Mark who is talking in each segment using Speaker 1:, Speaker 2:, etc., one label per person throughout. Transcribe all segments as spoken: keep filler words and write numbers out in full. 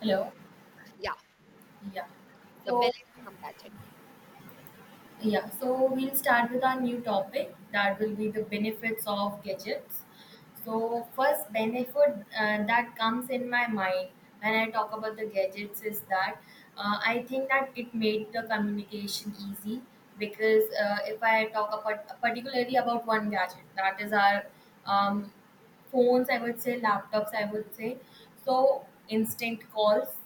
Speaker 1: Hello.
Speaker 2: Yeah,
Speaker 1: Yeah.
Speaker 2: the
Speaker 1: So
Speaker 2: benefits of gadget.
Speaker 1: yeah. So we'll start with our new topic that will be the benefits of gadgets. So first benefit uh, that comes in my mind when I talk about the gadgets is that uh, I think that it made the communication easy because uh, if I talk about particularly about one gadget that is our um, phones, I would say, laptops, I would say, so instant calls,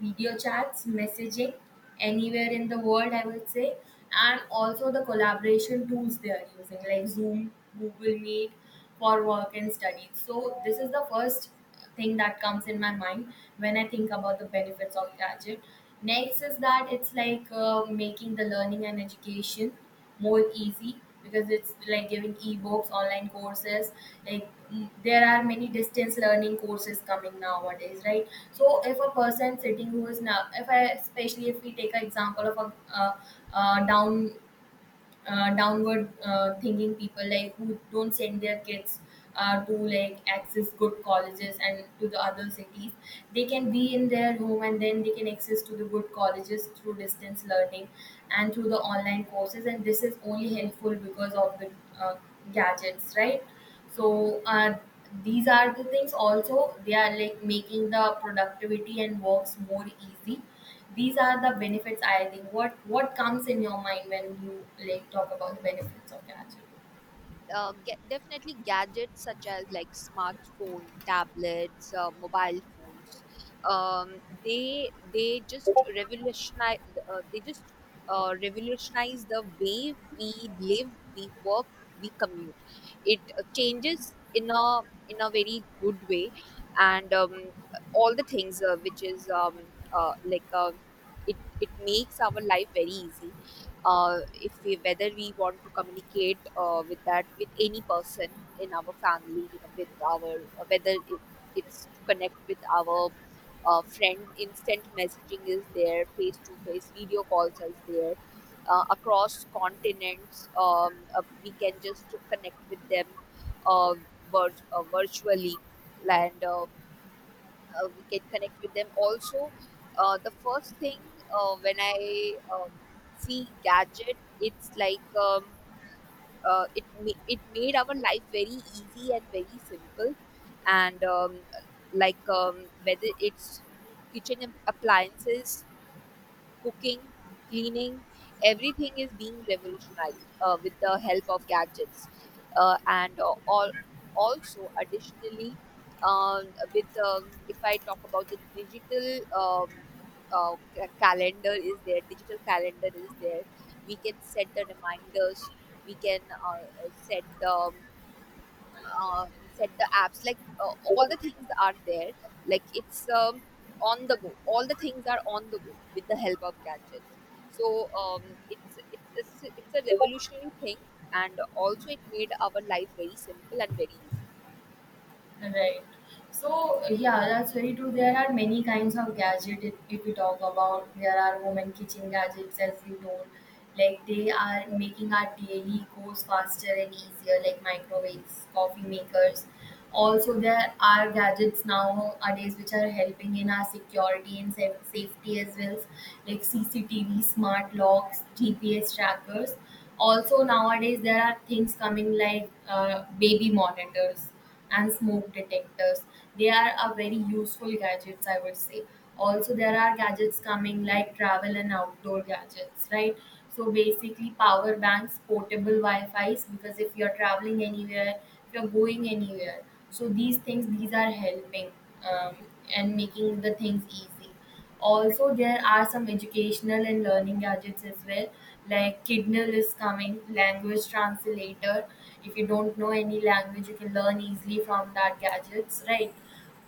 Speaker 1: video chats, messaging anywhere in the world, I would say, and also the collaboration tools they are using, like Zoom, Google Meet for work and study. So this is the first thing that comes in my mind when I think about the benefits of gadget. Next is that it's like uh, making the learning and education more easy because it's like giving ebooks, online courses, like mm, there are many distance learning courses coming nowadays, right? So if a person sitting who is now, if i, especially if we take an example of a uh, uh, down uh, downward uh, thinking people, like who don't send their kids uh, to like access good colleges and to the other cities, they can be in their home and then they can access to the good colleges through distance learning and through the online courses, and this is only helpful because of the uh, gadgets, right? So uh, these are the things, also they are like making the productivity and works more easy. These are the benefits. I think what what comes in your mind when you like talk about the benefits of gadget.
Speaker 2: uh, get, Definitely gadgets such as like smartphone tablets uh, mobile phones, um, they they just revolutionize. Uh, they just uh, Revolutionize the way we live, we work, we commute. It uh, changes in a, in a very good way. And um, All the things uh, which is um, uh, like uh, it it makes our life very easy. Uh, if we, whether we want to communicate uh, with that, with any person in our family, you know, with our, uh, whether it, it's to connect with our uh, friend, instant messaging is there, face to face video calls is there uh, across continents. Um, uh, we can just connect with them uh, vir- uh, virtually, and um, uh, we can connect with them. Also, uh, the first thing, uh, when I, um, see gadget, it's like, um, uh, it ma- it made our life very easy and very simple, and um, like um, whether it's kitchen ap- appliances, cooking, cleaning, everything is being revolutionized uh, with the help of gadgets. Uh, and uh, all, Also, additionally, um, with um, if I talk about the digital, um, uh, ca- calendar is there, digital calendar is there. We can set the reminders. We can uh, uh, set the, uh, set the apps, like uh, all the things are there, like it's um, on the go, all the things are on the go with the help of gadgets. so um, it's, it's it's it's a revolutionary thing, and also it made our life very simple and very
Speaker 1: Right. So uh, yeah, that's very true. There are many kinds of gadget. If, if we talk about, there are home and kitchen gadgets, as we know, like they are making our daily goes faster and easier, like microwaves, coffee makers. Also, there are gadgets nowadays which are helping in our security and sa- safety as well, like C C T V, smart locks, G P S trackers. Also, nowadays there are things coming like uh, baby monitors and smoke detectors. They are a very useful gadgets, I would say. Also, there are gadgets coming like travel and outdoor gadgets, right? So basically, power banks, portable Wi-Fi's, because if you're traveling anywhere, if you're going anywhere, so these things, these are helping um, and making the things easy. Also, there are some educational and learning gadgets as well, like Kidnal is coming, language translator. If you don't know any language, you can learn easily from that gadgets, right?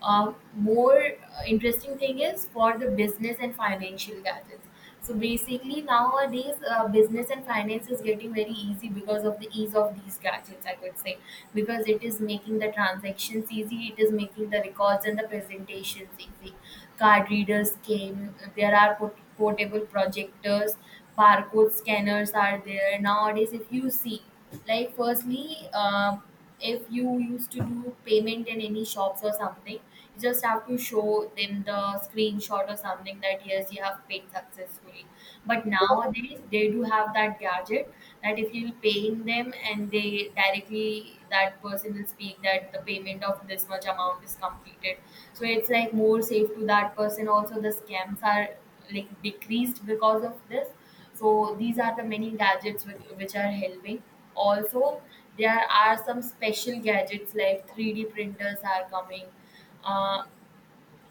Speaker 1: Um, more uh, interesting thing is for the business and financial gadgets. So basically, nowadays uh, business and finance is getting very easy because of the ease of these gadgets, I could say, because it is making the transactions easy, it is making the records and the presentations easy. Card readers came, there are port- portable projectors, barcode scanners are there nowadays. If you see, like firstly, um if you used to do payment in any shops or something, you just have to show them the screenshot or something that yes, you have paid successfully. But
Speaker 2: easy.
Speaker 1: nowadays, they do have that gadget that if you pay in them, and they directly, that person will speak that the payment of this much amount is completed. So it's like more safe to that person. Also, the scams are like decreased because of this. So these are the many gadgets with, which are helping. Also, there are some special gadgets like three D printers are coming. Uh,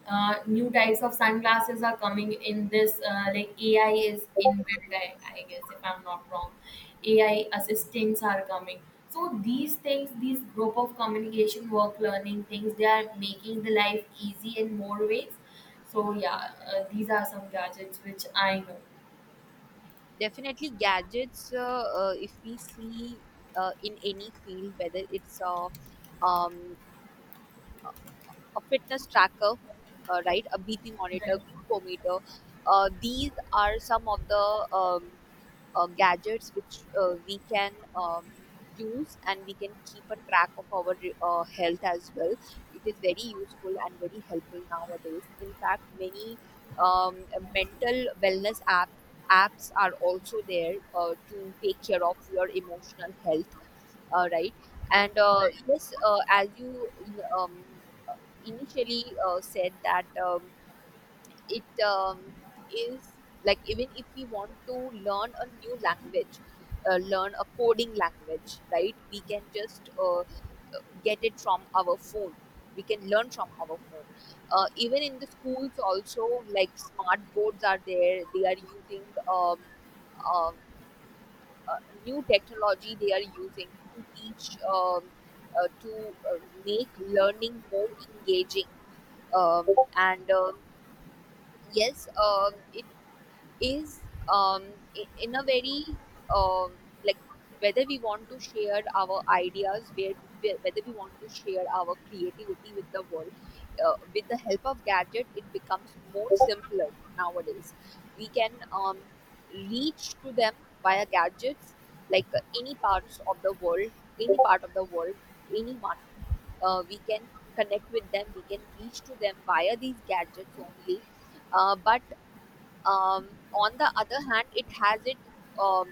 Speaker 1: uh, new types of sunglasses are coming in this. Uh, like A I is inbuilt, I, I guess if I'm not wrong. A I assistants are coming. So these things, these group of communication, work, learning things, they are making the life easy in more ways. So yeah, uh, these are some gadgets which I know.
Speaker 2: Definitely gadgets, uh, uh, if we see uh, in any field, whether it's a, um, a fitness tracker, uh, right, a B P monitor, glucometer. Uh, these are some of the um, uh, gadgets which uh, we can um, use, and we can keep a track of our uh, health as well. It is very useful and very helpful nowadays. In fact, many um, mental wellness app apps are also there uh, to take care of your emotional health, uh, right. And uh, yes, uh, as you um, initially uh, said that, um, it um, is, like, even if we want to learn a new language, uh, learn a coding language, right, we can just uh, get it from our phone, we can learn from our phone. Uh, even in the schools also, like, smart boards are there, they are using um, um, uh, new technology, they are using to teach, um, uh, to uh, make learning more engaging, um, and um, yes, um, it is, um, i- in a very um, like, whether we want to share our ideas, where where- whether we want to share our creativity with the world, uh, with the help of gadget, it becomes more simpler nowadays. We can um, reach to them via gadgets, like, uh, any parts of the world any part of the world, anyone, uh, we can connect with them, we can reach to them via these gadgets only. Uh, but um, on the other hand, it has it. Um,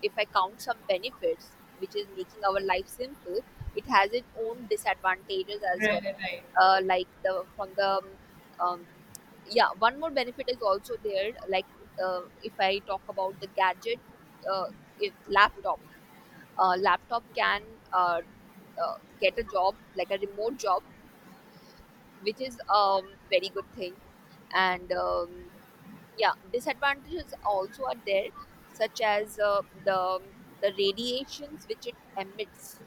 Speaker 2: if I count some benefits, which is making our life simple, it has its own disadvantages as
Speaker 1: Right,
Speaker 2: well.
Speaker 1: right, right,
Speaker 2: Uh, like the from the um, yeah, one more benefit is also there. Like, uh, if I talk about the gadget, uh, it, laptop. Uh, laptop can uh, uh, get a job, like a remote job, which is um very good thing. And um, Yeah, disadvantages also are there, such as uh, the the radiations which it emits,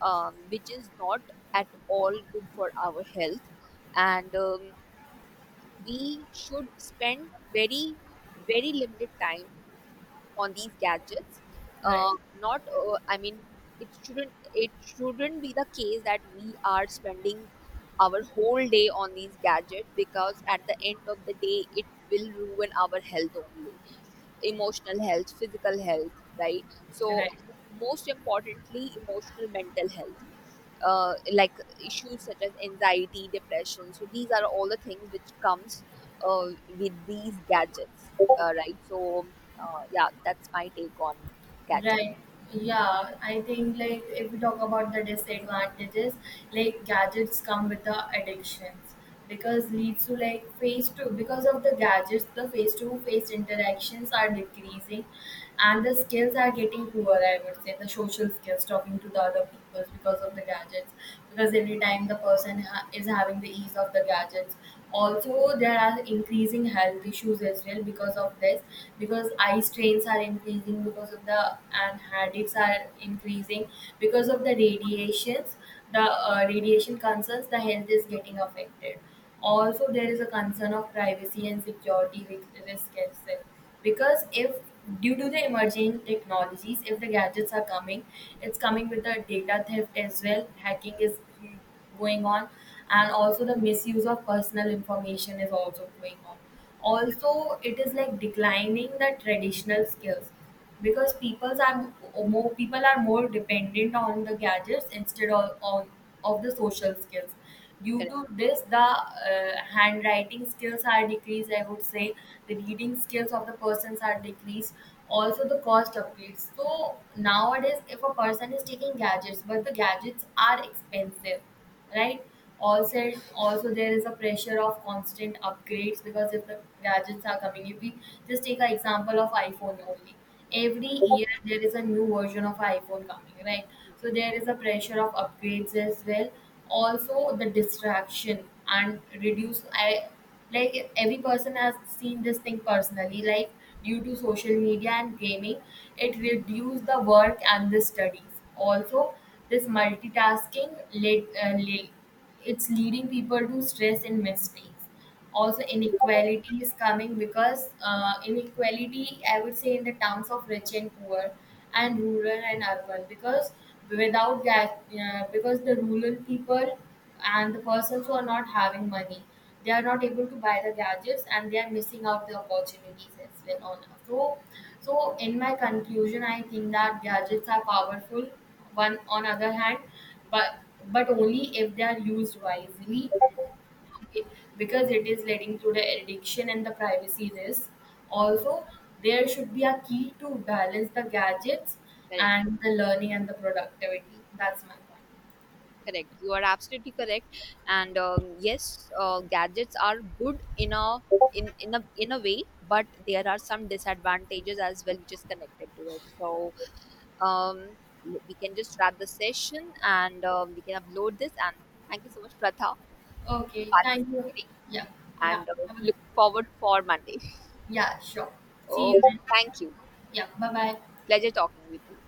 Speaker 2: um, which is not at all good for our health, and um, we should spend very, very limited time on these gadgets. Uh,
Speaker 1: right.
Speaker 2: not, uh, I mean, it shouldn't it shouldn't be the case that we are spending our whole day on these gadgets, because at the end of the day it will ruin our health only. Emotional health, physical health, right? So,
Speaker 1: Right.
Speaker 2: most importantly, emotional mental health, uh, like issues such as anxiety, depression. So, these are all the things which comes uh, with these gadgets, uh, right? So, uh, yeah, that's my take on gadget.
Speaker 1: right. Yeah, I think like if we talk about the disadvantages, like gadgets come with the addictions because leads to like face to, because of the gadgets, the face to face interactions are decreasing and the skills are getting poor, I would say, the social skills, talking to the other people because of the gadgets. Because every time the person ha- is having the ease of the gadgets, also there are increasing health issues as well because of this, because eye strains are increasing because of the, and headaches are increasing because of the radiations, the uh, radiation concerns, the health is getting affected. Also there is a concern of privacy and security ri- risk as well, because if, due to the emerging technologies, if the gadgets are coming, it's coming with the data theft as well, hacking is going on, and also the misuse of personal information is also going on. Also it is like declining the traditional skills because peoples are, more people are more dependent on the gadgets instead of, on of the social skills. Due
Speaker 2: Correct.
Speaker 1: to this, the uh, handwriting skills are decreased, I would say. The reading skills of the persons are decreased. Also, the cost upgrades. So nowadays, if a person is taking gadgets, but the gadgets are expensive, right? Also, also there is a pressure of constant upgrades, because if the gadgets are coming, if we just take an example of iPhone only, every year there is a new version of iPhone coming, right? So
Speaker 2: Mhm.
Speaker 1: there is a pressure of upgrades as well. Also the distraction and reduce, i, like every person has seen this thing personally, like due to social media and gaming, it reduced the work and the studies also. This multitasking led, uh, led, it's leading people to stress and mistakes. Also inequality is coming because uh, inequality, I would say, in the terms of rich and poor and rural and urban, because without that uh, because the rural people and the persons who are not having money, they are not able to buy the gadgets and they are missing out the opportunities as well on, so, so in my conclusion, I think that gadgets are powerful, one on other hand, but but only if they are used wisely. Okay, because it is leading to the addiction and the privacy risk. Also, there should be a key to balance the gadgets
Speaker 2: Correct.
Speaker 1: and the learning and the productivity. That's my
Speaker 2: Correct, you are absolutely correct. And um, yes, uh, gadgets are good in a, in in a in a way, but there are some disadvantages as well, which is connected to it. So, um, we can just wrap the session, and, um, we can upload this. And thank you so much, Pratha,
Speaker 1: point. Okay,
Speaker 2: for
Speaker 1: thank you.
Speaker 2: participating.
Speaker 1: Yeah, yeah,
Speaker 2: And uh,
Speaker 1: have a-
Speaker 2: look forward for Monday.
Speaker 1: yeah, sure. See you
Speaker 2: Oh,
Speaker 1: then.
Speaker 2: thank you.
Speaker 1: Yeah, bye bye.
Speaker 2: Pleasure talking with you.